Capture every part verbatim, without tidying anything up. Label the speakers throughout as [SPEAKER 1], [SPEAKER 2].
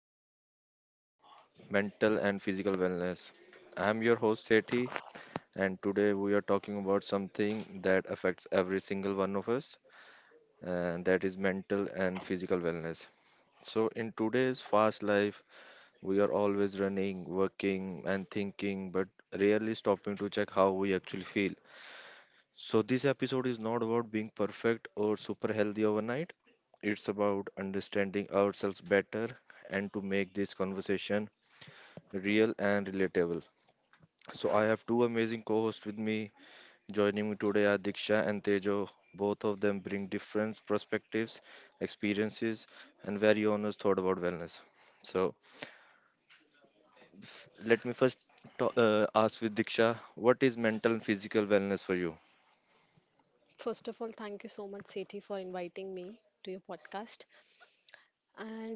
[SPEAKER 1] episode of Mental and Physical Wellness. I'm your host, Sethi, and today we are talking about something that affects every single one of us, and that is mental and physical wellness. So, in today's fast life, we are always running, working, and thinking, but rarely stopping to check how we actually feel. So, this episode is not about being perfect or super healthy overnight. It's about understanding ourselves better and to make this conversation real and relatable. So, I have two amazing co hosts with me. Joining me today are Diksha and Tejo. Both of them bring different perspectives, experiences, and very honest thought about wellness. So, f- let me first ta- uh, ask with Diksha, what is mental and physical wellness for you?
[SPEAKER 2] First of all, thank you so much, Sethi, for inviting me to your podcast. And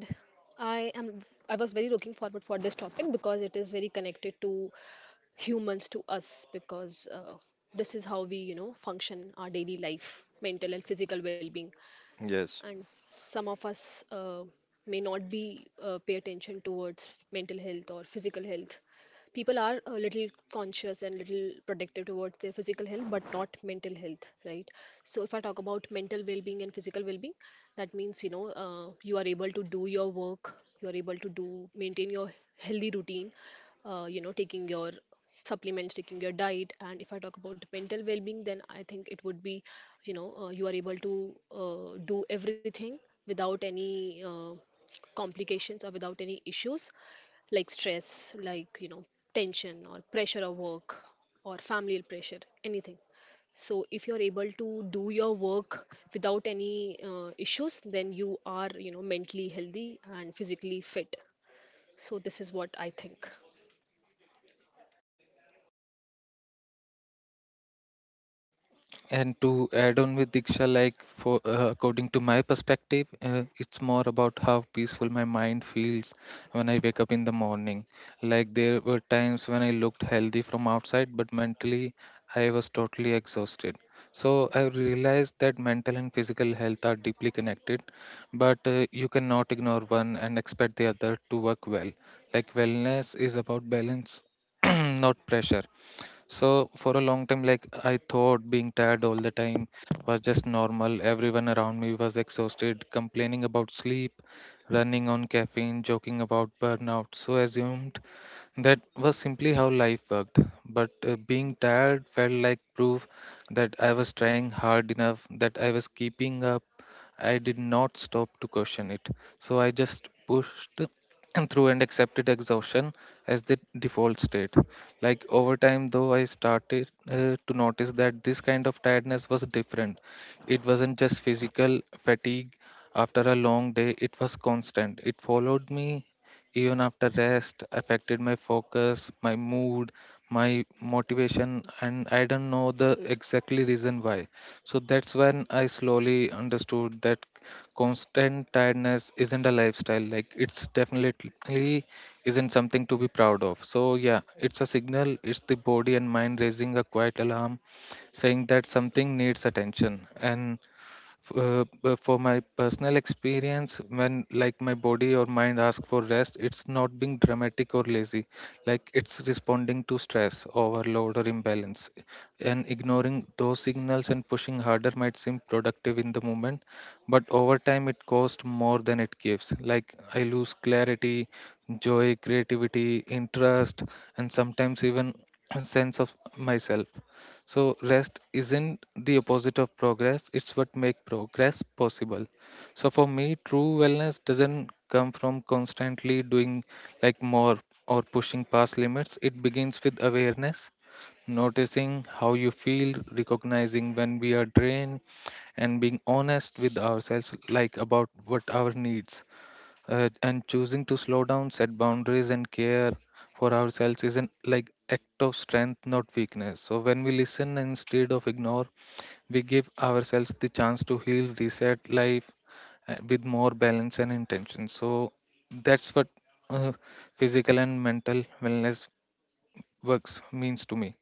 [SPEAKER 2] I am I was very looking forward for this topic because it is very connected to humans to us because uh, this is how we you know function our daily life, mental and physical well-being.
[SPEAKER 1] Yes.
[SPEAKER 2] And some of us uh, may not be uh, pay attention towards mental health or physical health. People are a little conscious and little protective towards their physical health but not mental health, right? So if I talk about mental well-being and physical well-being, that means you know uh, you are able to do your work, you are able to do maintain your healthy routine, uh, you know taking your supplements, taking your diet. And if I talk about mental well-being, then I think it would be, you know uh, you are able to uh, do everything without any uh, complications or without any issues, like stress, like, you know tension or pressure of work or family pressure, anything. So if you're able to do your work without any uh, issues, then you are, you know mentally healthy and physically fit. So this is what I think.
[SPEAKER 3] And to add on with Diksha, like for uh, according to my perspective, uh, it's more about how peaceful my mind feels when I wake up in the morning. Like there were times when I looked healthy from outside, but mentally I was totally exhausted. So I realized that mental and physical health are deeply connected, but uh, you cannot ignore one and expect the other to work well. Like wellness is about balance, not pressure. So for a long time, like I thought being tired all the time was just normal. Everyone around me was exhausted, complaining about sleep, running on caffeine, joking about burnout. So assumed that was simply how life worked. But uh, being tired felt like proof that I was trying hard enough, that I was keeping up. I did not stop to question it. So I just pushed and through and accepted exhaustion as the default state. Like over time, though, I started uh, to notice that this kind of tiredness was different. It wasn't just physical fatigue after a long day, it was constant. It followed me even after rest, affected my focus, my mood, my motivation, and I don't know the exactly reason why. So that's when I slowly understood that constant tiredness isn't a lifestyle, like it's definitely isn't something to be proud of. So, yeah, it's a signal, it's the body and mind raising a quiet alarm saying that something needs attention. And F- uh, b- for my personal experience, when like my body or mind ask for rest, it's not being dramatic or lazy, like it's responding to stress overload or imbalance, and ignoring those signals and pushing harder might seem productive in the moment, but over time it costs more than it gives, like I lose clarity, joy, creativity, interest, and sometimes even a sense of myself. So rest isn't the opposite of progress, it's what makes progress possible. So for me, true wellness doesn't come from constantly doing like more or pushing past limits. It begins with awareness, noticing how you feel, recognizing when we are drained, and being honest with ourselves like about what our needs uh, and choosing to slow down, set boundaries, and care for ourselves is an like act of strength, not weakness. So when we listen instead of ignore, we give ourselves the chance to heal, reset life, uh, with more balance and intention. So that's what uh, physical and mental wellness works means to me.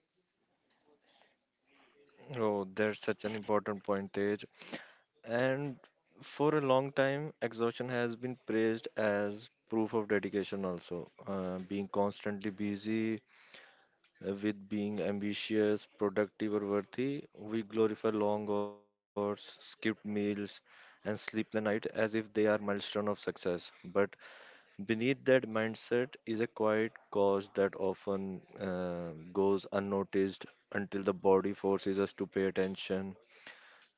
[SPEAKER 1] Oh, that's such an important point, Tej. And for a long time, exhaustion has been praised as proof of dedication, also. Uh, being constantly busy uh, with being ambitious, productive, or worthy, we glorify long hours, skipped meals, and sleepless nights as if they are milestone of success. But beneath that mindset is a quiet cause that often uh, goes unnoticed until the body forces us to pay attention.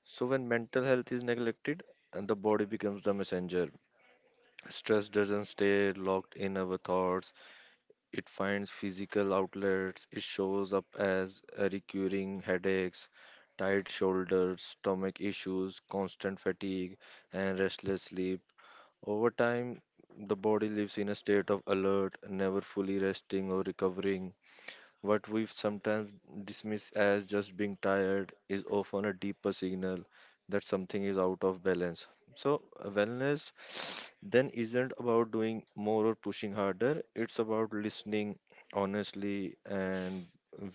[SPEAKER 1] So when mental health is neglected and the body becomes the messenger, stress doesn't stay locked in our thoughts. It finds physical outlets. It shows up as a recurring headaches, tight shoulders, stomach issues, constant fatigue, and restless sleep. Over time, the body lives in a state of alert, never fully resting or recovering. What we sometimes dismiss as just being tired is often a deeper signal that something is out of balance. So, uh, wellness then isn't about doing more or pushing harder, it's about listening honestly and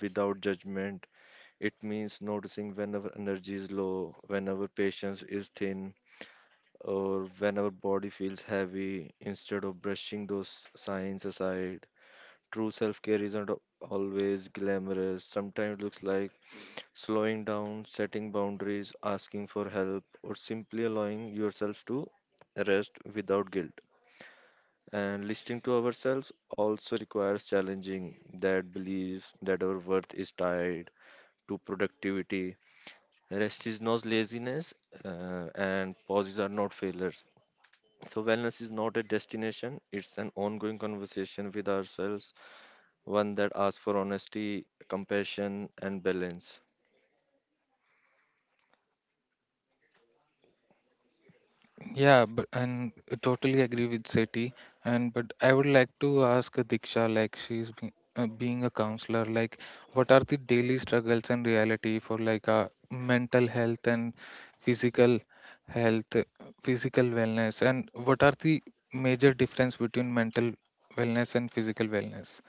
[SPEAKER 1] without judgment. It means noticing whenever energy is low, whenever patience is thin, or whenever body feels heavy instead of brushing those signs aside. True self care isn't always glamorous. Sometimes it looks like slowing down, setting boundaries, asking for help, or simply allowing yourself to rest without guilt. And listening to ourselves also requires challenging that belief that our worth is tied to productivity. Rest is not laziness, uh, and pauses are not failures. So, wellness is not a destination, it's an ongoing conversation with ourselves, one that asks for honesty, compassion, and balance.
[SPEAKER 3] Yeah, but and I totally agree with Seti. And but I would like to ask Diksha, like she's has uh, being a counselor, like what are the daily struggles and reality for like uh, mental health and physical health, uh, physical wellness, and what are the major difference between mental wellness and physical wellness?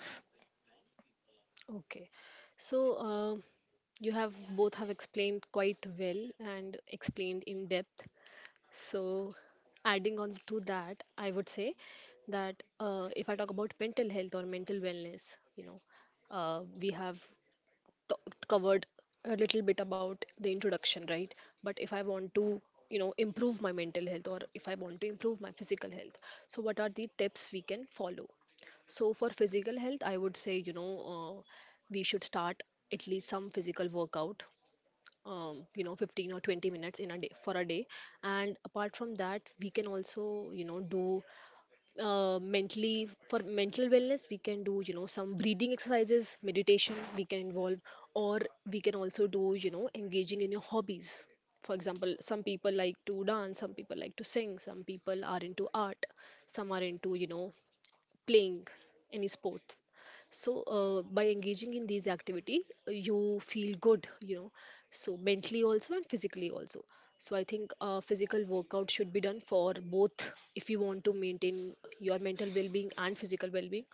[SPEAKER 2] Okay. So uh, you have both have explained quite well and explained in depth. So, adding on to that, I would say that, uh, if I talk about mental health or mental wellness, you know, uh, we have talked covered a little bit about the introduction, right? But if I want to, you know improve my mental health, or if I want to improve my physical health, so what are the tips we can follow? So for physical health, I would say, you know uh, we should start at least some physical workout, um, you know fifteen or twenty minutes in a day for a day. And apart from that, we can also, you know do uh, mentally, for mental wellness, we can do, you know some breathing exercises, meditation, we can involve. Or we can also do, you know engaging in your hobbies. For example, some people like to dance, some people like to sing, some people are into art, some are into, you know playing any sports. So uh, by engaging in these activity, uh, you feel good, you know so mentally also and physically also. So I think uh, physical workout should be done for both if you want to maintain your mental well being and physical well being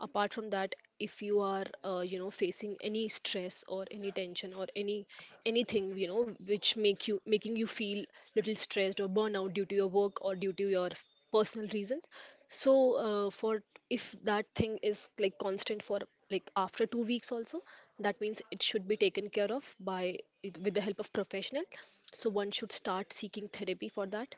[SPEAKER 2] apart from that, if you are, uh, you know facing any stress or any tension or any anything, you know which make you making you feel little stressed or burnout due to your work or due to your personal reasons. So uh, for if that thing is like constant for like after two weeks also, that means it should be taken care of by with the help of professional. So one should start seeking therapy for that,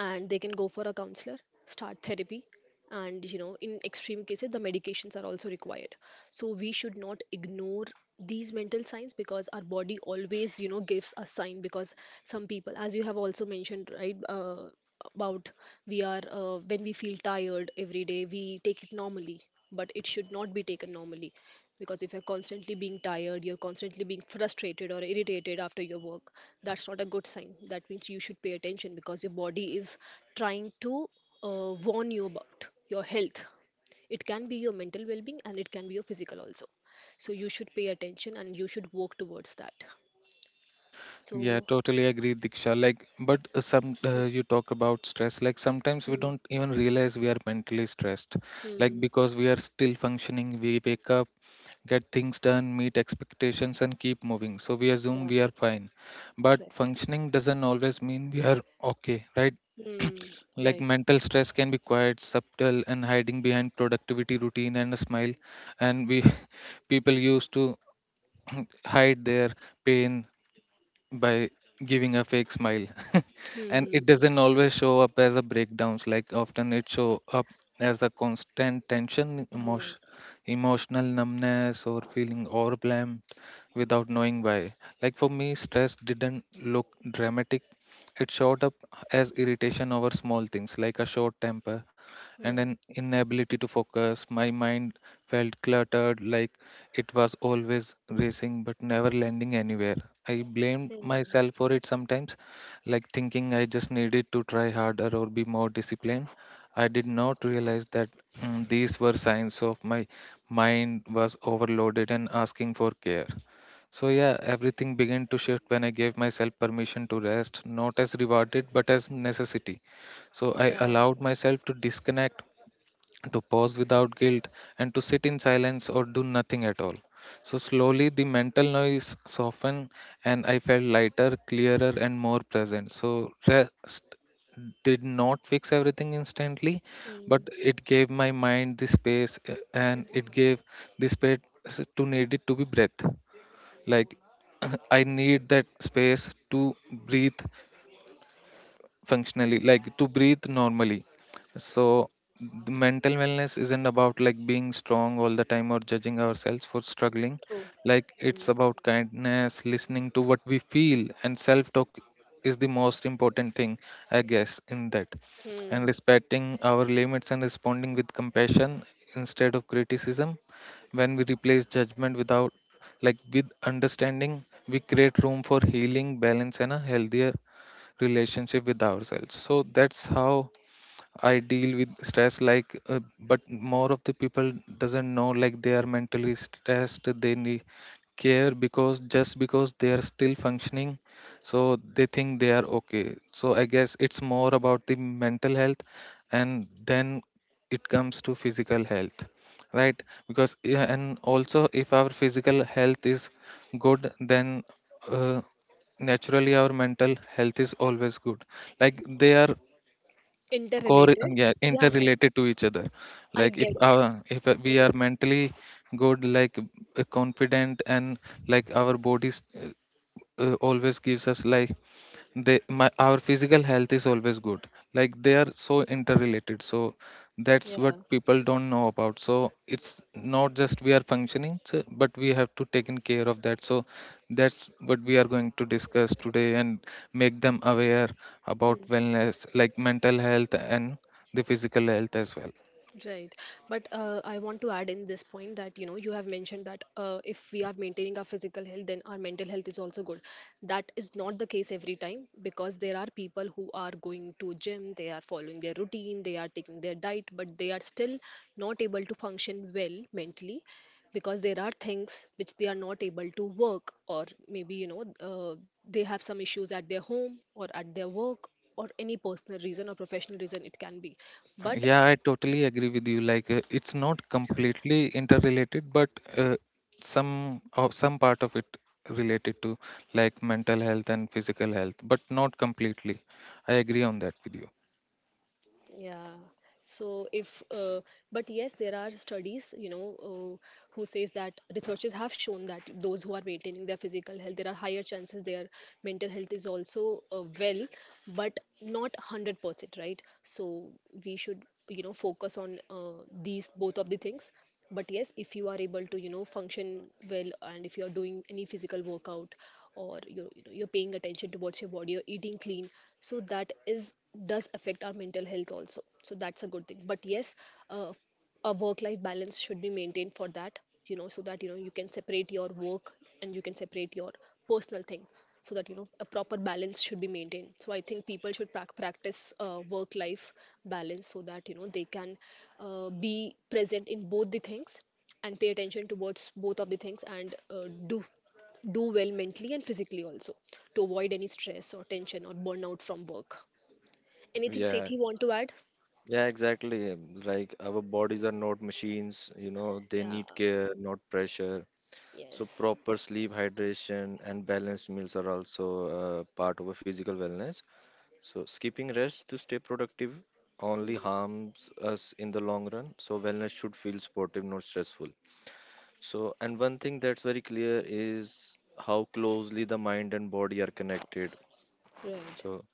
[SPEAKER 2] and they can go for a counselor, start therapy. And, you know in extreme cases, the medications are also required. So we should not ignore these mental signs, because our body always, you know gives a sign. Because some people, as you have also mentioned, right, uh, about, we are uh, when we feel tired every day, we take it normally. But it should not be taken normally, because if you're constantly being tired, you're constantly being frustrated or irritated after your work, that's not a good sign. That means you should pay attention, because your body is trying to uh, warn you about your health. It can be your mental well being and it can be your physical also. So you should pay attention and you should work towards that.
[SPEAKER 3] Yeah,
[SPEAKER 2] So,
[SPEAKER 3] totally agree, Diksha. Like, but uh, some uh, you talk about stress. Like, sometimes we
[SPEAKER 2] hmm.
[SPEAKER 3] don't even realize we are mentally stressed. Like,
[SPEAKER 2] Hmm.
[SPEAKER 3] because we are still functioning, we wake up, get things done, meet expectations, and keep moving. So we assume
[SPEAKER 2] Yeah,
[SPEAKER 3] we are fine. But
[SPEAKER 2] right.
[SPEAKER 3] functioning doesn't always mean we are okay, right?
[SPEAKER 2] Hmm,
[SPEAKER 3] Like,
[SPEAKER 2] right.
[SPEAKER 3] mental stress can be quiet, subtle, and hiding behind productivity routine and a smile. And we people used to hide their pain by giving a fake smile and
[SPEAKER 2] Hmm.
[SPEAKER 3] it doesn't always show up as a breakdowns, like often it show up as a constant tension
[SPEAKER 2] Hmm.
[SPEAKER 3] emotion, emotional numbness, or feeling overwhelmed without knowing why. Like for me, stress didn't look dramatic, it showed up as irritation over small things, like a short temper and
[SPEAKER 2] Hmm.
[SPEAKER 3] an inability to focus. My mind felt cluttered, like it was always racing but never landing anywhere. I blamed
[SPEAKER 2] Hmm.
[SPEAKER 3] myself for it sometimes, like thinking I just needed to try harder or be more disciplined. I did not realize that mm, these were signs of my mind was overloaded and asking for care. So, yeah, everything began to shift when I gave myself permission to rest, not as rewarded but as necessity. So,
[SPEAKER 2] Yeah.
[SPEAKER 3] I allowed myself to disconnect, to pause without guilt, and to sit in silence or do nothing at all. So slowly the mental noise softened and I felt lighter, clearer, and more present. So rest did not fix everything instantly, but
[SPEAKER 2] Hmm.
[SPEAKER 3] it gave my mind the space uh, and it gave the space to need it to be breath. Like I need that space to breathe functionally, like to breathe normally. So the mental wellness isn't about like being strong all the time or judging ourselves for struggling,
[SPEAKER 2] True.
[SPEAKER 3] like
[SPEAKER 2] Hmm.
[SPEAKER 3] it's about kindness, listening to what we feel, and self talk is the most important thing I guess in that, and
[SPEAKER 2] Hmm.
[SPEAKER 3] respecting our limits and responding with compassion instead of criticism. When we replace judgment without like with understanding, we create room for healing, balance, and a healthier relationship with ourselves. So that's how I deal with stress, like uh, but more of the people doesn't know like they are mentally stressed, they need care, because just because they are still functioning, so they think they are okay. So I guess it's more about the mental health, and then it comes to physical health, right? Because yeah, and also if our physical health is good then uh, naturally our mental health is always good, like they are core,
[SPEAKER 2] Interrelated.
[SPEAKER 3] yeah,
[SPEAKER 2] Yeah, yeah.
[SPEAKER 3] interrelated to each other.
[SPEAKER 2] I
[SPEAKER 3] Like if
[SPEAKER 2] get.
[SPEAKER 3] our if we
[SPEAKER 2] Mm,
[SPEAKER 3] are mentally good, like uh, confident and like our bodies uh, uh, always gives us like they my our physical health is always good, like they are so interrelated. So that's what
[SPEAKER 2] yeah.
[SPEAKER 3] people don't know about, so it's not just we are functioning so, but we have to take in care of that. So that's what we are going to discuss today and make them aware about wellness, like mental health and the physical health as well.
[SPEAKER 2] Right. But uh, I want to add in this point that, you know, you have mentioned that, uh, if we are maintaining our physical health, then our mental health is also good. That is not the case every time, because there are people who are going to gym, they are following their routine, they are taking their diet, but they are still not able to function well mentally, because there are things which they are not able to work, or maybe, you know uh, they have some issues at their home or at their work, or any personal reason or professional reason it can be. But,
[SPEAKER 3] Yeah, I totally agree with you. Like, uh, it's not completely interrelated, but uh, some or some part of it related to like mental health and physical health, but not completely. I agree on that with you.
[SPEAKER 2] yeah. So if, uh, but yes, there are studies, you know, uh, who says that, researchers have shown that those who are maintaining their physical health, there are higher chances their mental health is also uh, well, but not one hundred percent, right? So we should, you know, focus on uh, these, both of the things. But yes, if you are able to, you know, function well, and if you are doing any physical workout, or you're, you know, you're paying attention towards your body, you're eating clean, so that is does affect our mental health also, so that's a good thing. But yes, uh, a work life balance should be maintained for that, you know, so that, you know, you can separate your work and you can separate your personal thing, so that, you know, a proper balance should be maintained. So I think people should prac practice uh, work life balance, so that, you know, they can uh, be present in both the things and pay attention towards both of the things and uh, do do well mentally and physically also, to avoid any stress or tension or burnout from work. Anything
[SPEAKER 1] Yeah,
[SPEAKER 2] Sethi want to add?
[SPEAKER 1] yeah, exactly. um, Like our bodies are not machines, you know, they
[SPEAKER 2] Yeah.
[SPEAKER 1] need care, not pressure. So,
[SPEAKER 2] Yes.
[SPEAKER 1] proper sleep, hydration, and balanced meals are also uh, part of a physical wellness. So, skipping rest to stay productive only
[SPEAKER 2] Hmm.
[SPEAKER 1] harms us in the long run. So, wellness should feel supportive, not stressful. So, and one thing that's very clear is how closely the mind and body are connected.
[SPEAKER 2] Right.
[SPEAKER 1] So,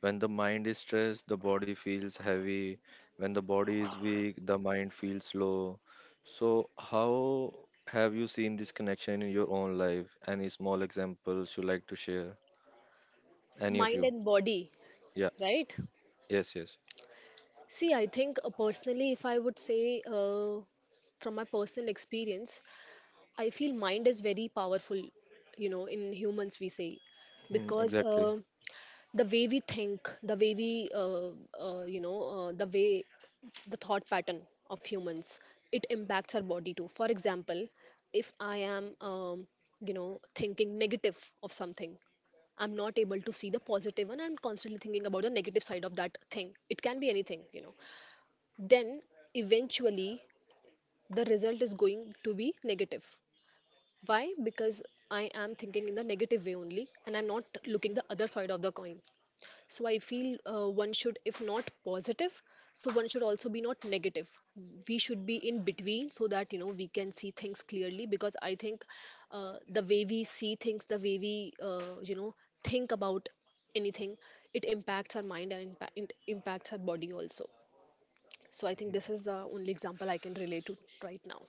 [SPEAKER 1] when the mind is stressed, the body feels heavy. When the body is weak, the mind feels low. So, how have you seen this connection in your own life? Any small examples you like to share? Any of
[SPEAKER 2] Mind
[SPEAKER 1] you?
[SPEAKER 2] and body,
[SPEAKER 1] Yeah.
[SPEAKER 2] right?
[SPEAKER 1] Yes, yes.
[SPEAKER 2] See, I think uh, personally, if I would say, uh, from my personal experience, I feel mind is very powerful, you know, in humans, we say,
[SPEAKER 1] Mm,
[SPEAKER 2] because
[SPEAKER 1] exactly.
[SPEAKER 2] uh, the way we think, the way we uh, uh, you know uh, the way the thought pattern of humans, it impacts our body too. For example, if I am, um, you know thinking negative of something, I'm not able to see the positive one. I'm constantly thinking about the negative side of that thing, it can be anything, you know. Then eventually the result is going to be negative. Why? Because I am thinking in the negative way only, and I'm not looking the other side of the coin. So I feel, uh, one should, if not positive, so one should also be not negative. We should be in between, so that, you know, we can see things clearly. Because I think, uh, the way we see things, the way we, uh, you know think about anything, it impacts our mind, and impa- it impacts our body also. So I think this is the only example I can relate to right now.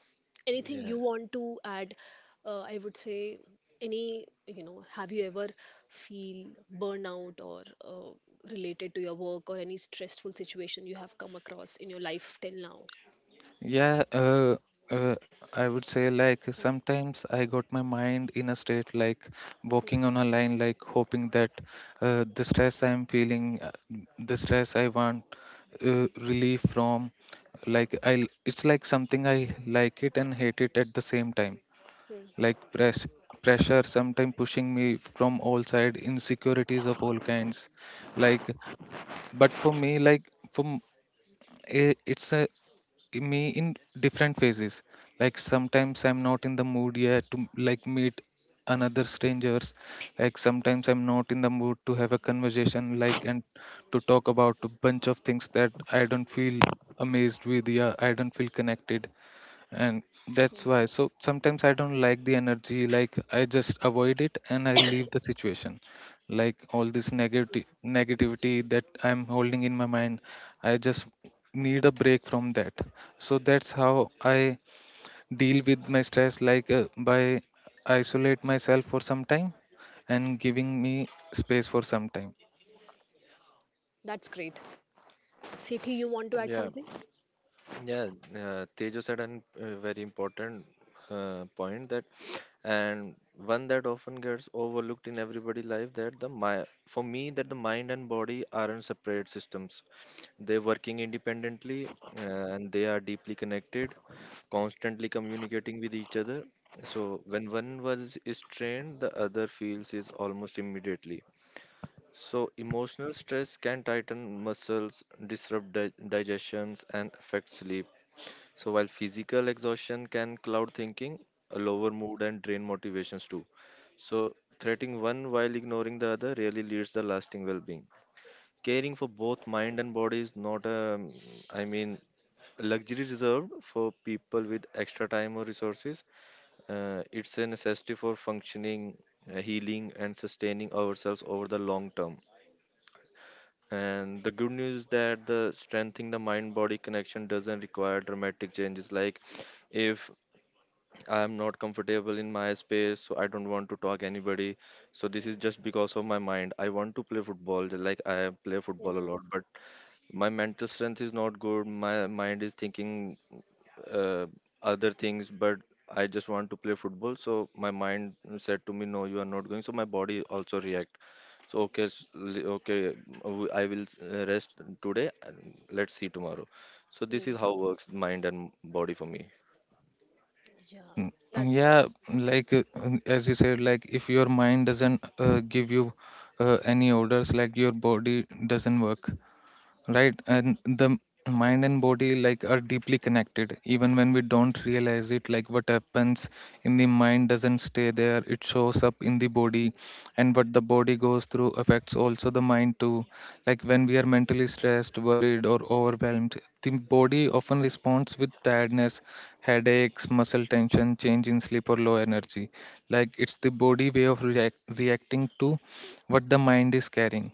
[SPEAKER 2] Anything you
[SPEAKER 1] Yeah.
[SPEAKER 2] want to add? Uh, I would say, any you know have you ever feel burnout, or uh, related to your work, or any stressful situation you have come across in your life till now?
[SPEAKER 3] Yeah, uh, uh, I would say like sometimes I got my mind in a state like walking
[SPEAKER 2] Mhm.
[SPEAKER 3] on a line, like hoping that uh, the stress I'm feeling, uh, the stress I want uh, relief from, like I, it's like something I like it and hate it at the same time.
[SPEAKER 2] Mhm.
[SPEAKER 3] Like press pressure, sometimes pushing me from all side, insecurities of all kinds. Like, but for me, like for m- i- it's a me in different phases, like sometimes I'm not in the mood yet to like meet another strangers, like sometimes I'm not in the mood to have a conversation like and to talk about a bunch of things that I don't feel amazed with, yeah, I don't feel connected, and that's why so sometimes I don't like the energy, like I just avoid it and I leave the situation, like all this negative negativity that I'm holding in my mind, I just need a break from that. So that's how I deal with my stress, like uh, by isolate myself for some time and giving me space for some time.
[SPEAKER 2] That's great. Sethi, you want to add
[SPEAKER 1] Yeah.
[SPEAKER 2] something?
[SPEAKER 1] Yeah. Uh, Tejo said an uh, very important uh, point that, and one that often gets overlooked in everybody life, that the my for me that the mind and body aren't separate systems. They're working independently, uh, and they are deeply connected, constantly communicating with each other. So when one was is strained, the other feels is almost immediately. So emotional stress can tighten muscles, disrupt di- digestions, and affect sleep. So while physical exhaustion can cloud thinking, a lower mood and drain motivations too. So threatening one while ignoring the other really leads the lasting well-being. Caring for both mind and body is not a, um, I mean, luxury reserved for people with extra time or resources. Uh, it's a necessity for functioning, uh, healing, and sustaining ourselves over the long term. And the good news is that the strengthening the mind body connection doesn't require dramatic changes. Like if I'm not comfortable in my space, so I don't want to talk anybody. So this is just because of my mind. I want to play football, like I play football a
[SPEAKER 2] Hmm.
[SPEAKER 1] lot, but my mental strength is not good, my mind is thinking uh, other things, but I just want to play football. So my mind said to me, no, you are not going. So my body also react. So okay, s- li- okay, w- I will uh, rest today and let's see tomorrow. So this is
[SPEAKER 2] Hmm.
[SPEAKER 1] how works mind and body for me.
[SPEAKER 2] Yeah,
[SPEAKER 3] Mm,
[SPEAKER 2] that's good.
[SPEAKER 3] yeah, like uh, um, as you said, like if your mind doesn't uh, give you uh, any orders, like your body doesn't work right. And the mind and body like are deeply connected even when we don't realize it, like what happens in the mind doesn't stay there, it shows up in the body, and what the body goes through affects also the mind too. Like when we are mentally stressed, worried, or overwhelmed, the body often responds with tiredness, headaches, muscle tension, change in sleep, or low energy. Like it's the body way of react- reacting to what the mind is carrying.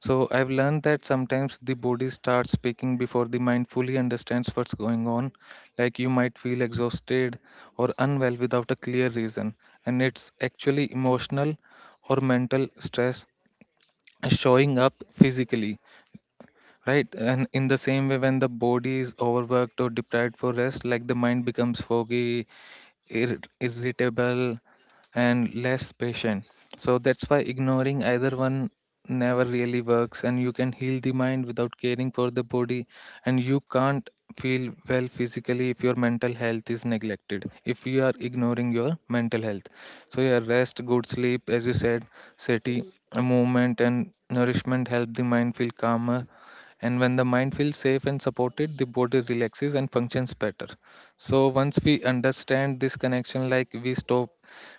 [SPEAKER 3] So I've learned that sometimes the body starts speaking before the mind fully understands what's going on. Like you might feel exhausted or unwell without a clear reason, and it's actually emotional or mental stress showing up physically, right? And in the same way, when the body is overworked or deprived for rest, like the mind becomes foggy, ir- irritable, and less patient. So that's why ignoring either one never really works, and you can heal the mind without caring for the body, and you can't feel well physically if your mental health is neglected, if you are ignoring your mental health. So yeah, rest, good sleep, as you said, Sati,
[SPEAKER 2] Hmm.
[SPEAKER 3] a movement and nourishment help the mind feel calmer, and when the mind feels safe and supported, the body relaxes and functions better. So once we understand this connection, like we stop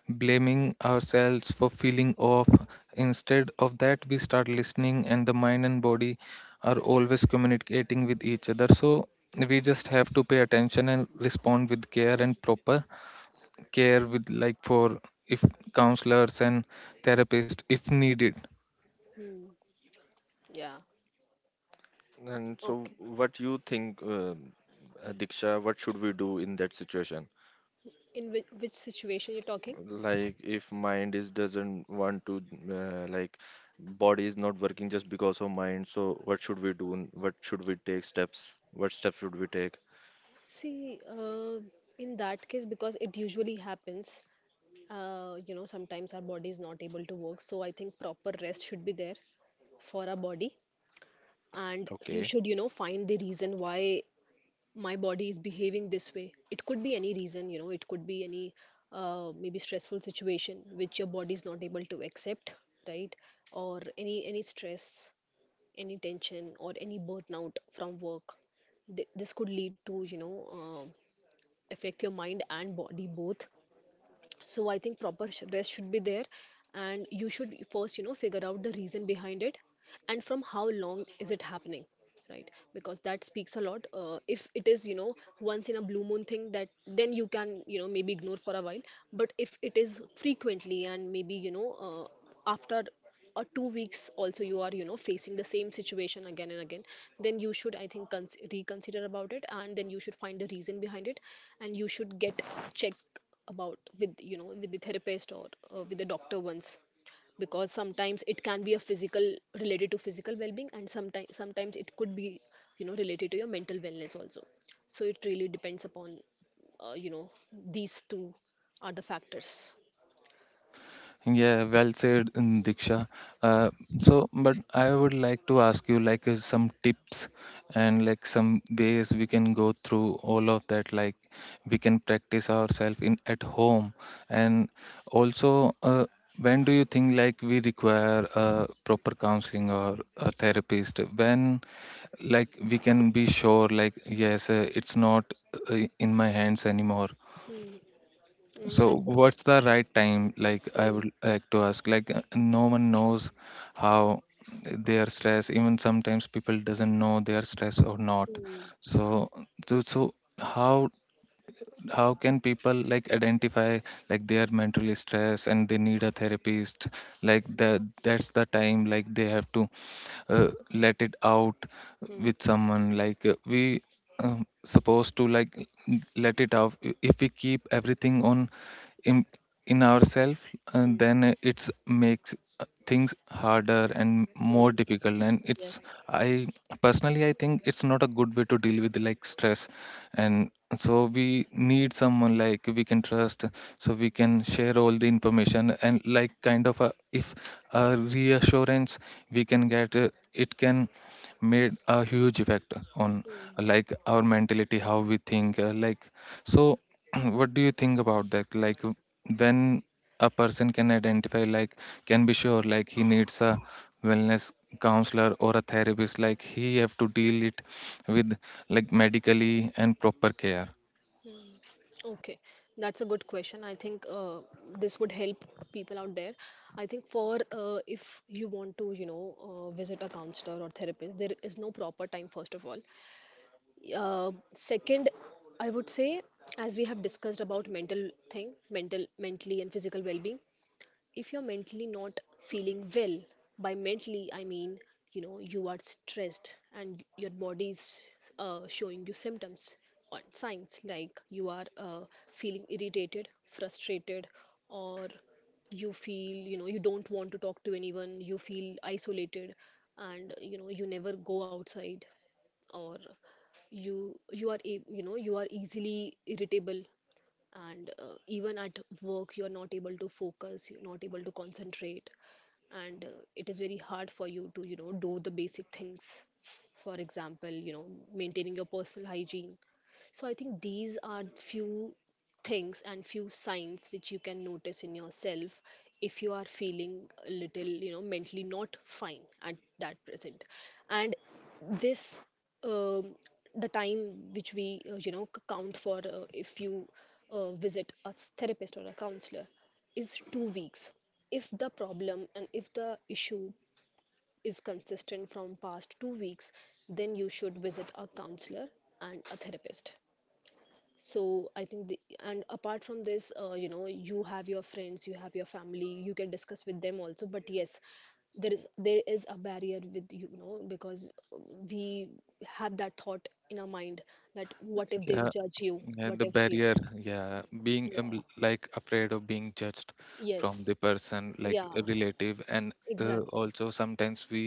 [SPEAKER 3] blaming ourselves for feeling off. Instead of that, we start listening, and the mind and body are always communicating with each other. So we just have to pay attention and respond with care and proper care with like for if counselors and therapists if needed.
[SPEAKER 2] Hmm. Yeah.
[SPEAKER 1] And so
[SPEAKER 2] Okay.
[SPEAKER 1] what you think, uh, Diksha, what should we do in that situation,
[SPEAKER 2] In which, which situation you're talking?
[SPEAKER 1] like if mind is doesn't want to, uh, like body is not working just because of mind, so what should we do, n- what should we take steps, what steps should we take?
[SPEAKER 2] See, uh, in that case, because it usually happens, uh, you know, sometimes our body is not able to work. So I think proper rest should be there for our body. And you
[SPEAKER 1] Okay.
[SPEAKER 2] should, you know, find the reason why my body is behaving this way. It could be any reason, you know. It could be any, uh, maybe stressful situation which your body is not able to accept, right? Or any any stress, any tension, or any burnout from work. Th- this could lead to, you know, um, affect your mind and body both. So I think proper sh- rest should be there, and you should first, you know, figure out the reason behind it, and from how long is it happening, right? Because that speaks a lot. Uh, if it is, you know, once in a blue moon thing, that, then you can, you know, maybe ignore for a while. But if it is frequently, and maybe, you know uh, after or two weeks also you are, you know, facing the same situation again and again, then you should, I think, cons- reconsider about it, and then you should find the reason behind it, and you should get check about with you know with the therapist, or uh, with the doctor once. Because sometimes it can be a physical, related to physical well-being, and sometimes sometimes it could be, you know, related to your mental wellness also. So it really depends upon, uh, you know these two are the factors.
[SPEAKER 3] Yeah, well said, mm, Diksha. Uh, so, but I would like to ask you like uh, some tips and like some ways we can go through all of that. Like we can practice ourselves in at home, and also, uh, when do you think like we require a proper counseling or a therapist? When like we can be sure like yes, uh, it's not uh, in my hands anymore.
[SPEAKER 2] Hmm. Mm,
[SPEAKER 3] So,
[SPEAKER 2] that's a good
[SPEAKER 3] what's the
[SPEAKER 2] question.
[SPEAKER 3] right time? Like, I
[SPEAKER 2] Hmm.
[SPEAKER 3] would like to ask. Like, uh, no one knows how they are stressed. Even sometimes people doesn't know they are stressed or not.
[SPEAKER 2] Hmm.
[SPEAKER 3] So, so, so how how can people like identify like they are mentally stressed and they need a therapist? Like the that's the time like they have to uh, let it out
[SPEAKER 2] Hmm.
[SPEAKER 3] with someone like uh, we um, supposed to like n- let it out. I- if we keep everything on in in ourselves, and
[SPEAKER 2] Hmm.
[SPEAKER 3] then uh, it's makes uh, things harder and more
[SPEAKER 2] Mm.
[SPEAKER 3] difficult, and it's
[SPEAKER 2] Yes.
[SPEAKER 3] I personally i think it's not a good way to deal with like stress. And so we need someone like we can trust, so we can share all the information and like kind of a, if a reassurance we can get, uh, it can made a huge effect on
[SPEAKER 2] Hmm.
[SPEAKER 3] uh, like our mentality how we think uh, like So what do you think about that, like when a person can identify like can be sure like he needs a wellness counselor or a therapist, like he have to deal it with like medically and proper care?
[SPEAKER 2] Mm. Okay, that's a good question. I think, uh, this would help people out there. I think for uh, if you want to, you know, uh, visit a counselor or therapist, there is no proper time, first of all. Uh, second, I would say, as we have discussed about mental thing, mental, mentally and physical well-being, if you're mentally not feeling well, by mentally I mean, you know, you are stressed and your body is uh, showing you symptoms or signs like you are uh, feeling irritated, frustrated, or you feel, you know, you don't want to talk to anyone, you feel isolated, and you know, you never go outside, or you you are a- you know you are easily irritable. And uh, even at work you're not able to focus, you're not able to concentrate. And uh, it is very hard for you to, you know, do the basic things. For example, you know, maintaining your personal hygiene. So I think these are few things and few signs which you can notice in yourself if you are feeling a little, you know, mentally not fine at that present. And this um, the time which we, uh, you know, c- count for, uh, if you uh, visit a therapist or a counselor, is two weeks. If the problem and if the issue is consistent from past two weeks, then you should visit a counselor and a therapist. so i think the, and apart from this, uh, you know, you have your friends, you have your family, you can discuss with them also, but yes, there is there is a barrier with, you know, because we have that thought in our mind that what if they
[SPEAKER 3] yeah uh,
[SPEAKER 2] judge you,
[SPEAKER 3] Yeah,
[SPEAKER 2] what
[SPEAKER 3] the
[SPEAKER 2] if you
[SPEAKER 3] barrier,
[SPEAKER 2] know.
[SPEAKER 3] yeah, being um,
[SPEAKER 2] Yeah.
[SPEAKER 3] like afraid of being judged from
[SPEAKER 2] Yes.
[SPEAKER 3] the person, like a
[SPEAKER 2] Yeah.
[SPEAKER 3] relative. And uh,
[SPEAKER 2] Exactly.
[SPEAKER 3] also sometimes we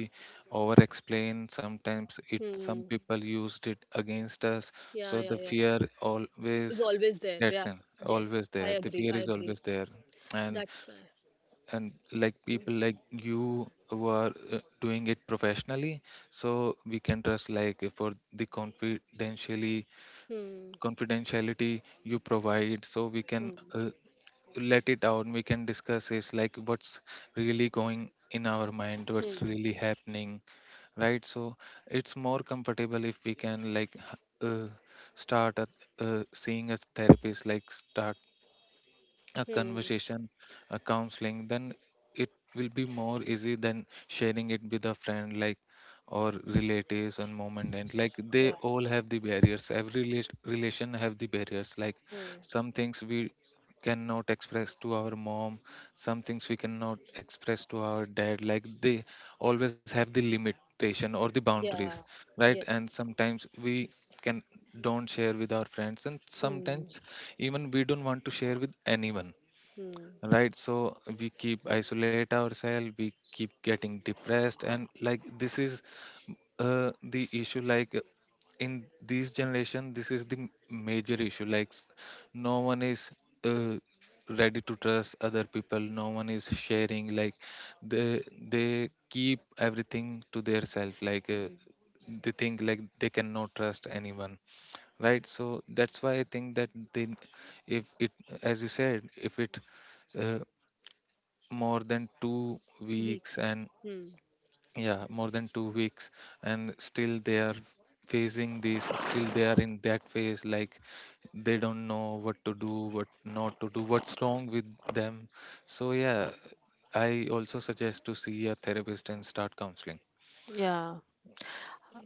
[SPEAKER 3] over explain, sometimes it some
[SPEAKER 2] Hmm.
[SPEAKER 3] people used it against us,
[SPEAKER 2] Yeah,
[SPEAKER 3] so the
[SPEAKER 2] yeah, yeah.
[SPEAKER 3] fear always
[SPEAKER 2] Is always there,
[SPEAKER 3] gets
[SPEAKER 2] yeah.
[SPEAKER 3] in,
[SPEAKER 2] Yes,
[SPEAKER 3] always
[SPEAKER 2] I
[SPEAKER 3] there. The
[SPEAKER 2] agree,
[SPEAKER 3] fear
[SPEAKER 2] I
[SPEAKER 3] is
[SPEAKER 2] agree.
[SPEAKER 3] always there, and
[SPEAKER 2] That's why.
[SPEAKER 3] and like
[SPEAKER 2] Hmm.
[SPEAKER 3] people like you who are uh, doing it professionally, so we can trust like for the confidentially
[SPEAKER 2] Hmm.
[SPEAKER 3] confidentiality you provide, so we can
[SPEAKER 2] Hmm.
[SPEAKER 3] uh, let it out, we can discuss is like what's really going in our mind, what's
[SPEAKER 2] Hmm.
[SPEAKER 3] really happening. Right, so it's more comfortable if we can like h- uh, start at, uh, seeing a therapist, like start a
[SPEAKER 2] Hmm.
[SPEAKER 3] conversation, a counseling. Then it will be more easy than sharing it with a friend, like or relatives and moment. And like they
[SPEAKER 2] Yeah.
[SPEAKER 3] all have the barriers. Every relas- relation have the barriers. Like
[SPEAKER 2] Hmm.
[SPEAKER 3] some things we cannot express to our mom, some things we cannot express to our dad, like they always have the limitation or the boundaries.
[SPEAKER 2] Yeah.
[SPEAKER 3] Right,
[SPEAKER 2] Yes.
[SPEAKER 3] and sometimes we can don't share with our friends, and
[SPEAKER 2] Hmm.
[SPEAKER 3] sometimes even we don't want to share with anyone.
[SPEAKER 2] Hmm.
[SPEAKER 3] Right, so we keep isolate ourselves, we keep getting depressed, and like this is uh, the issue like uh, in this generation. This is the m- major issue like s- no one is uh, ready to trust other people, no one is sharing like they they keep everything to their self like uh,
[SPEAKER 2] Hmm.
[SPEAKER 3] They think like they cannot trust anyone. Right, so that's why I think that then if it, as you said, if it uh, more than two weeks,
[SPEAKER 2] Weeks.
[SPEAKER 3] and
[SPEAKER 2] Hmm.
[SPEAKER 3] yeah, more than two weeks, and still they are facing this, still they are in that phase like they don't know what to do, what not to do, what's wrong with them. So yeah, I also suggest to see a therapist and start counseling.
[SPEAKER 2] Yeah.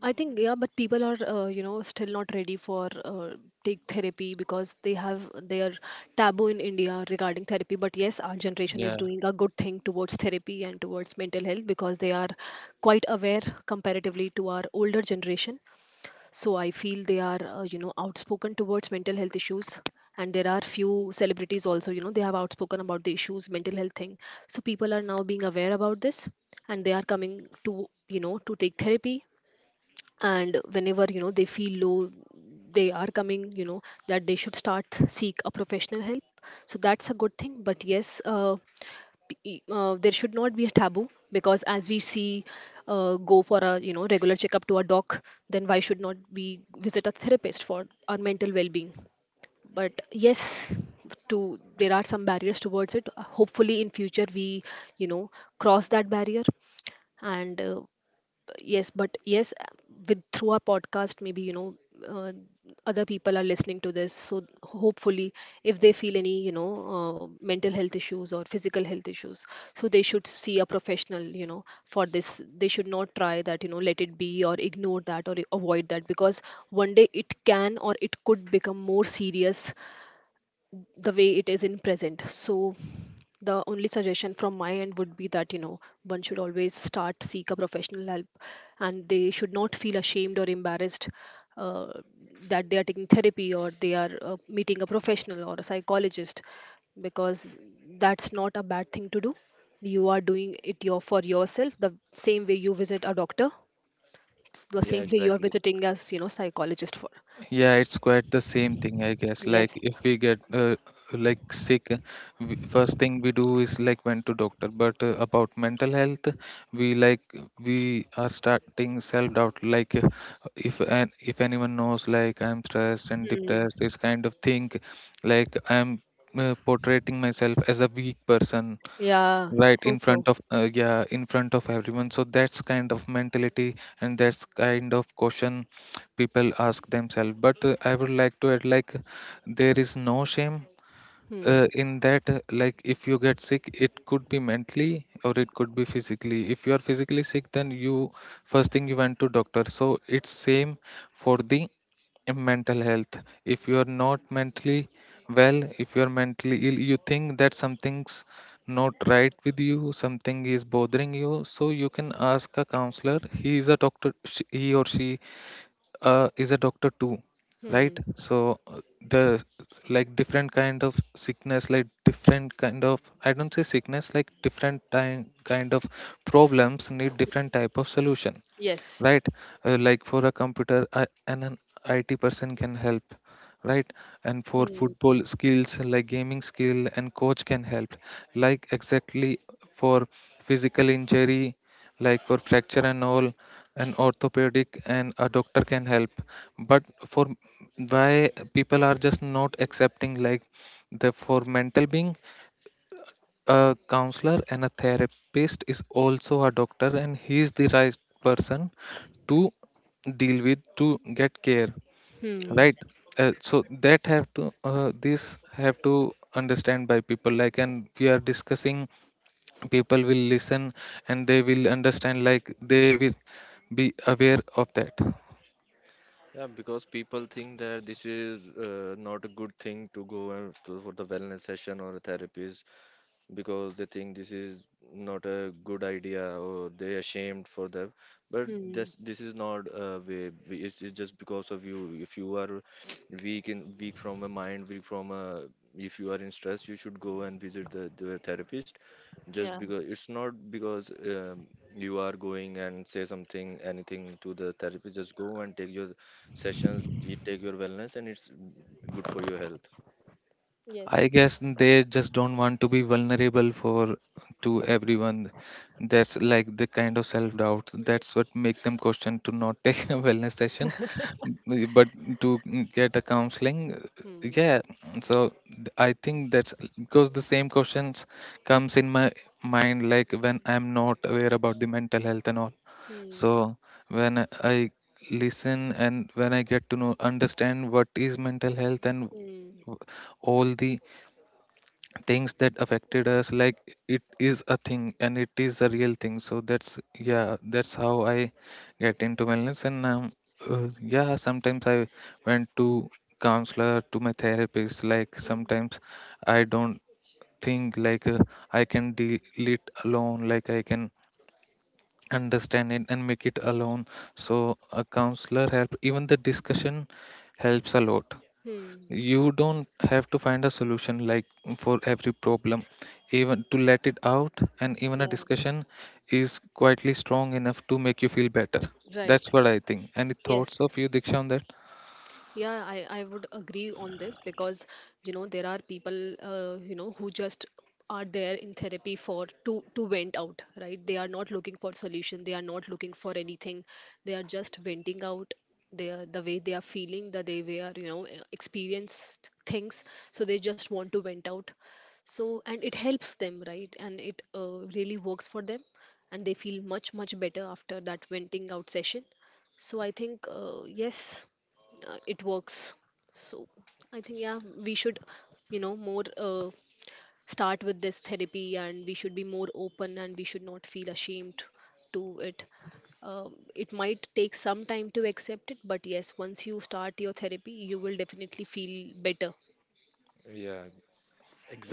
[SPEAKER 2] I think yeah, but people are, uh, you know, still not ready for, uh, take therapy because they have their taboo in India regarding therapy. But yes, our generation is
[SPEAKER 3] Yeah,
[SPEAKER 2] doing a good thing towards therapy and towards mental health because they are quite aware comparatively to our older generation. So I feel they are, uh, you know, outspoken towards mental health issues. And there are few celebrities also, you know, they have outspoken about the issues, mental health thing. So people are now being aware about this and they are coming to, you know, to take therapy. And whenever, you know, they feel low, they are coming, you know, that they should start seek a professional help. So that's a good thing. But yes, uh, be- uh, there should not be a taboo because as we see, uh, go for a, you know, regular checkup to a doc, then why should not we visit a therapist for our mental well-being? But yes, to there are some barriers towards it. Hopefully in future we, you know, cross that barrier. And uh, Yes, but yes, with through our podcast, maybe, you know, uh, other people are listening to this, so hopefully if they feel any, you know, uh, mental health issues or physical health issues, so they should see a professional, you know, for this. They should not try that, you know, let it be or ignore that or avoid that, because one day it can or it could become more serious the way it is in present. So the only suggestion from my end would be that, you know, one should always start seek a professional help, and they should not feel ashamed or embarrassed uh, that they are taking therapy or they are uh, meeting a professional or a psychologist, because that's not a bad thing to do. You are doing it your for yourself the same way you visit a doctor. It's the
[SPEAKER 1] Yeah,
[SPEAKER 2] same way you are
[SPEAKER 1] exactly.
[SPEAKER 2] visiting as, you know, psychologist for.
[SPEAKER 3] yeah, it's quite the same thing, I guess. Like
[SPEAKER 2] Yes.
[SPEAKER 3] if we get uh, like sick, uh, we, first thing we do is like went to doctor. But uh, about mental health, we like we are starting self-doubt. Like, uh, if and if anyone knows, like I'm stressed and depressed,
[SPEAKER 2] Hmm.
[SPEAKER 3] this kind of thing. Like I'm uh, portraying myself as a weak person
[SPEAKER 2] Yeah.
[SPEAKER 3] right
[SPEAKER 2] So
[SPEAKER 3] in
[SPEAKER 2] true.
[SPEAKER 3] front of uh, yeah in front of everyone. So that's kind of mentality, and that's kind of question people ask themselves. But uh, I would like to add like there is no shame uh,
[SPEAKER 2] Hmm.
[SPEAKER 3] in that. Uh, like if you get sick, it could be mentally or it could be physically. If you are physically sick, then you first thing you went to doctor. So it's same for the uh, mental health. If you are not mentally well, if you are mentally ill, you think that something's not right with you, something is bothering you, so you can ask a counselor. He is a doctor, sh- he or she uh, is a doctor too. Right,
[SPEAKER 2] Hmm.
[SPEAKER 3] so uh, the like different kind of sickness, like different kind of, I don't say sickness, like different time kind of problems need different type of solution.
[SPEAKER 2] Yes.
[SPEAKER 3] Right, uh, like for a computer I, and an I T person can help. Right, and for
[SPEAKER 2] Hmm.
[SPEAKER 3] football skills, like gaming skill and coach can help, like exactly. For physical injury, like for fracture and all, an orthopedic and a doctor can help. But for why people are just not accepting like the for mental being, a counselor and a therapist is also a doctor, and he is the right person to deal with to get care.
[SPEAKER 2] Hmm.
[SPEAKER 3] Right, uh, so that have to uh, this have to understand by people, like and we are discussing, people will listen and they will understand, like they will be aware of that.
[SPEAKER 1] Yeah, because people think that this is uh, not a good thing to go and to, for the wellness session or a therapy, because they think this is not a good idea or they're ashamed for them. But
[SPEAKER 2] Hmm.
[SPEAKER 1] this this is not a way, we- it's, it's just because of you. If you are weak in weak from a mind, weak from a, if you are in stress, you should go and visit the, the therapist. Just
[SPEAKER 2] Yeah.
[SPEAKER 1] because it's not because um, you are going and say something anything to the therapist, just go and take your sessions, you take your wellness, and it's good for your health.
[SPEAKER 3] I
[SPEAKER 2] Yes.
[SPEAKER 3] guess they just don't want to be vulnerable for to everyone. That's like the kind of self-doubt. That's what make them question to not take a wellness session, mm, but to mm, get a counseling. uh,
[SPEAKER 2] Hmm.
[SPEAKER 3] Yeah, so th- I think that's because the same questions comes in my mind like when I'm not aware about the mental health and all.
[SPEAKER 2] Hmm.
[SPEAKER 3] So when I listen and when I get to know understand what is mental health and
[SPEAKER 2] Hmm.
[SPEAKER 3] w- all the things that affected us, like it is a thing and it is a real thing. So that's, yeah, that's how I get into wellness, and um, uh, yeah, sometimes I went to counselor to my therapist. Like
[SPEAKER 2] Hmm.
[SPEAKER 3] sometimes I don't think like uh, I can deal it alone, like I can understand it and make it alone. So a counselor help, even the discussion helps a lot.
[SPEAKER 2] Hmm.
[SPEAKER 3] You don't have to find a solution like for every problem. Even to let it out and even a
[SPEAKER 2] Yeah.
[SPEAKER 3] discussion is quietly strong enough to make you feel better.
[SPEAKER 2] Right.
[SPEAKER 3] That's what I think. Any
[SPEAKER 2] Yes.
[SPEAKER 3] thoughts of you, Diksha, on that?
[SPEAKER 2] Yeah, I, I would agree on this because, you know, there are people, uh, you know, who just are there in therapy for to to vent out, right? They are not looking for solution. They are not looking for anything. They are just venting out their the way they are feeling, the way they are, you know, e- experienced things. So they just want to vent out. So and it helps them, right? And it uh, really works for them, and they feel much much better after that venting out session. So I think uh, yes, uh, it works. So I think yeah, we should, you know, more, uh, start with this therapy, and we should be more open and we should not feel ashamed to it. Um, it might take some time to accept it, but yes, once you start your therapy you will definitely feel better.
[SPEAKER 1] Yeah,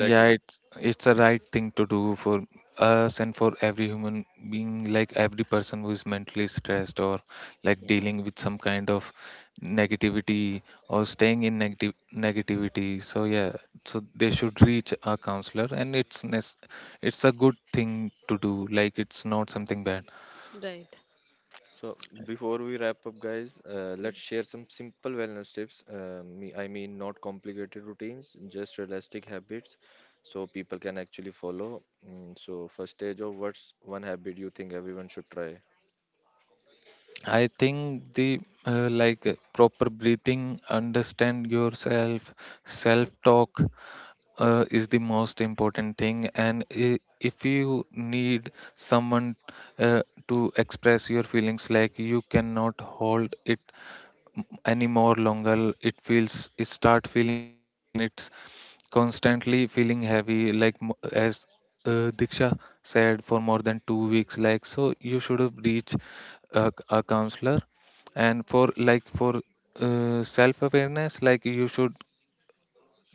[SPEAKER 3] Yeah, it's it's the right thing to do for us and for every human being, like every person who is mentally stressed or like dealing with some kind of negativity or staying in negative negativity. So yeah, so they should reach a counselor, and it's nes- it's a good thing to do. Like it's not something bad.
[SPEAKER 2] Right.
[SPEAKER 1] So before we wrap up, guys, uh,
[SPEAKER 2] Mm.
[SPEAKER 1] let's share some simple wellness tips. Uh, me, I mean, not complicated routines, just realistic habits, so people can actually follow. Mm, so first stage of what's one habit you think everyone should try?
[SPEAKER 3] I think the uh, like uh, proper breathing, understand yourself, self talk uh, is the most important thing. And i- if you need someone uh, to express your feelings, like you cannot hold it any more longer, it feels it start feeling heavy, and it's constantly feeling heavy like m- as uh, Diksha said, for more than two weeks, like so you should have reached a, a counselor. And for like for uh, self awareness, like you should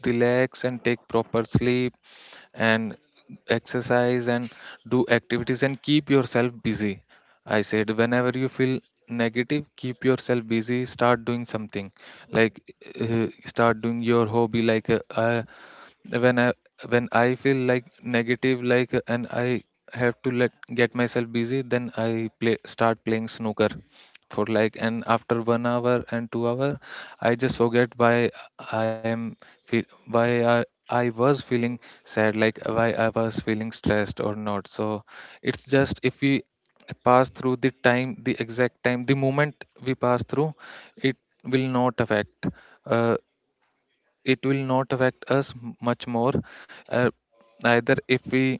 [SPEAKER 3] relax and take proper sleep and exercise and do activities and keep yourself busy. I said, whenever you feel negative, keep yourself busy, start doing something like uh, start doing your hobby. Like, uh, I when i when i feel like negative, like and I have to let get myself busy, then I play start playing snooker for like, and after one hour and two hour, I just forget why I am feel, why i I was feeling sad, like why I was feeling stressed or not. So it's just if we pass through the time, the exact time, the moment we pass through, it will not affect. Uh, it will not affect us m- much more, uh, either. If we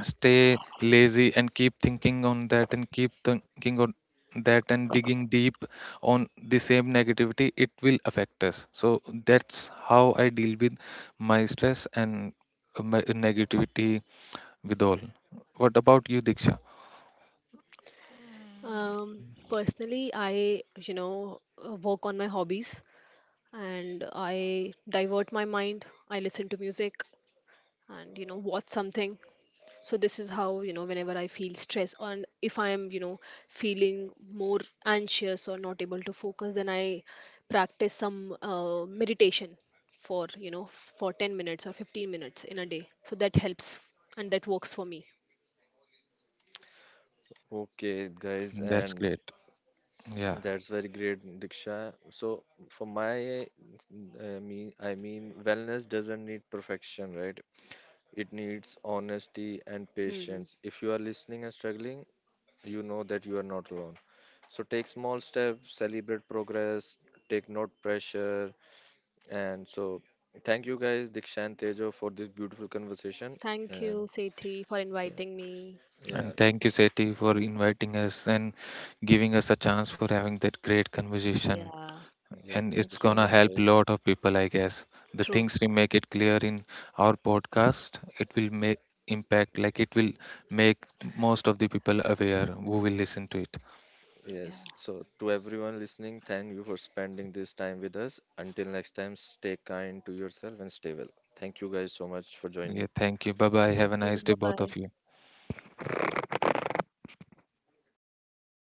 [SPEAKER 3] stay lazy and keep thinking on that and keep thinking on that and digging deep on the same negativity, it will affect us. So that's how I deal with my stress and uh, my negativity with all. What about you, Diksha?
[SPEAKER 2] Um, Personally, I, you know, uh, work on my hobbies and I divert my mind. I listen to music and, you know, watch something. So this is how, you know, whenever I feel stress, or if I am, you know, feeling more anxious or not able to focus, then I practice some uh, meditation for, you know, for ten minutes or fifteen minutes in a day, so that helps and that works for me.
[SPEAKER 1] Okay, guys,
[SPEAKER 3] That's
[SPEAKER 1] and
[SPEAKER 3] great, yeah.
[SPEAKER 1] that's very great, Diksha. So for my, uh, me, I mean, wellness doesn't need perfection, right? It needs honesty and
[SPEAKER 2] Hmm.
[SPEAKER 1] patience. If you are listening and struggling, you know that you are not alone. So take small steps, celebrate progress, take not pressure. And so thank you guys, Dikshan Tejo, for this beautiful conversation.
[SPEAKER 2] Thank
[SPEAKER 1] And
[SPEAKER 2] you Sethi for
[SPEAKER 1] yeah,
[SPEAKER 2] inviting me.
[SPEAKER 1] yeah,
[SPEAKER 3] And thank you, Seti, for inviting us and giving us a chance for having that great conversation.
[SPEAKER 2] Yeah.
[SPEAKER 1] yeah,
[SPEAKER 3] And
[SPEAKER 1] thank you
[SPEAKER 3] it's
[SPEAKER 1] so
[SPEAKER 3] gonna
[SPEAKER 1] much,
[SPEAKER 3] help a
[SPEAKER 1] guys.
[SPEAKER 3] lot of people, I guess. The
[SPEAKER 2] True.
[SPEAKER 3] things we make it clear in our podcast, it will make impact, like it will make most of the people aware who will listen to it.
[SPEAKER 2] Yeah.
[SPEAKER 1] Yes. So to everyone listening, thank you for spending this time with us. Until next time, stay kind to yourself and stay well. Thank you guys so much for
[SPEAKER 3] Yeah,
[SPEAKER 1] joining.
[SPEAKER 3] thank you, bye bye,
[SPEAKER 2] Thank
[SPEAKER 3] have a
[SPEAKER 2] you.
[SPEAKER 3] nice day,
[SPEAKER 2] Bye
[SPEAKER 3] both
[SPEAKER 2] bye.
[SPEAKER 3] of you.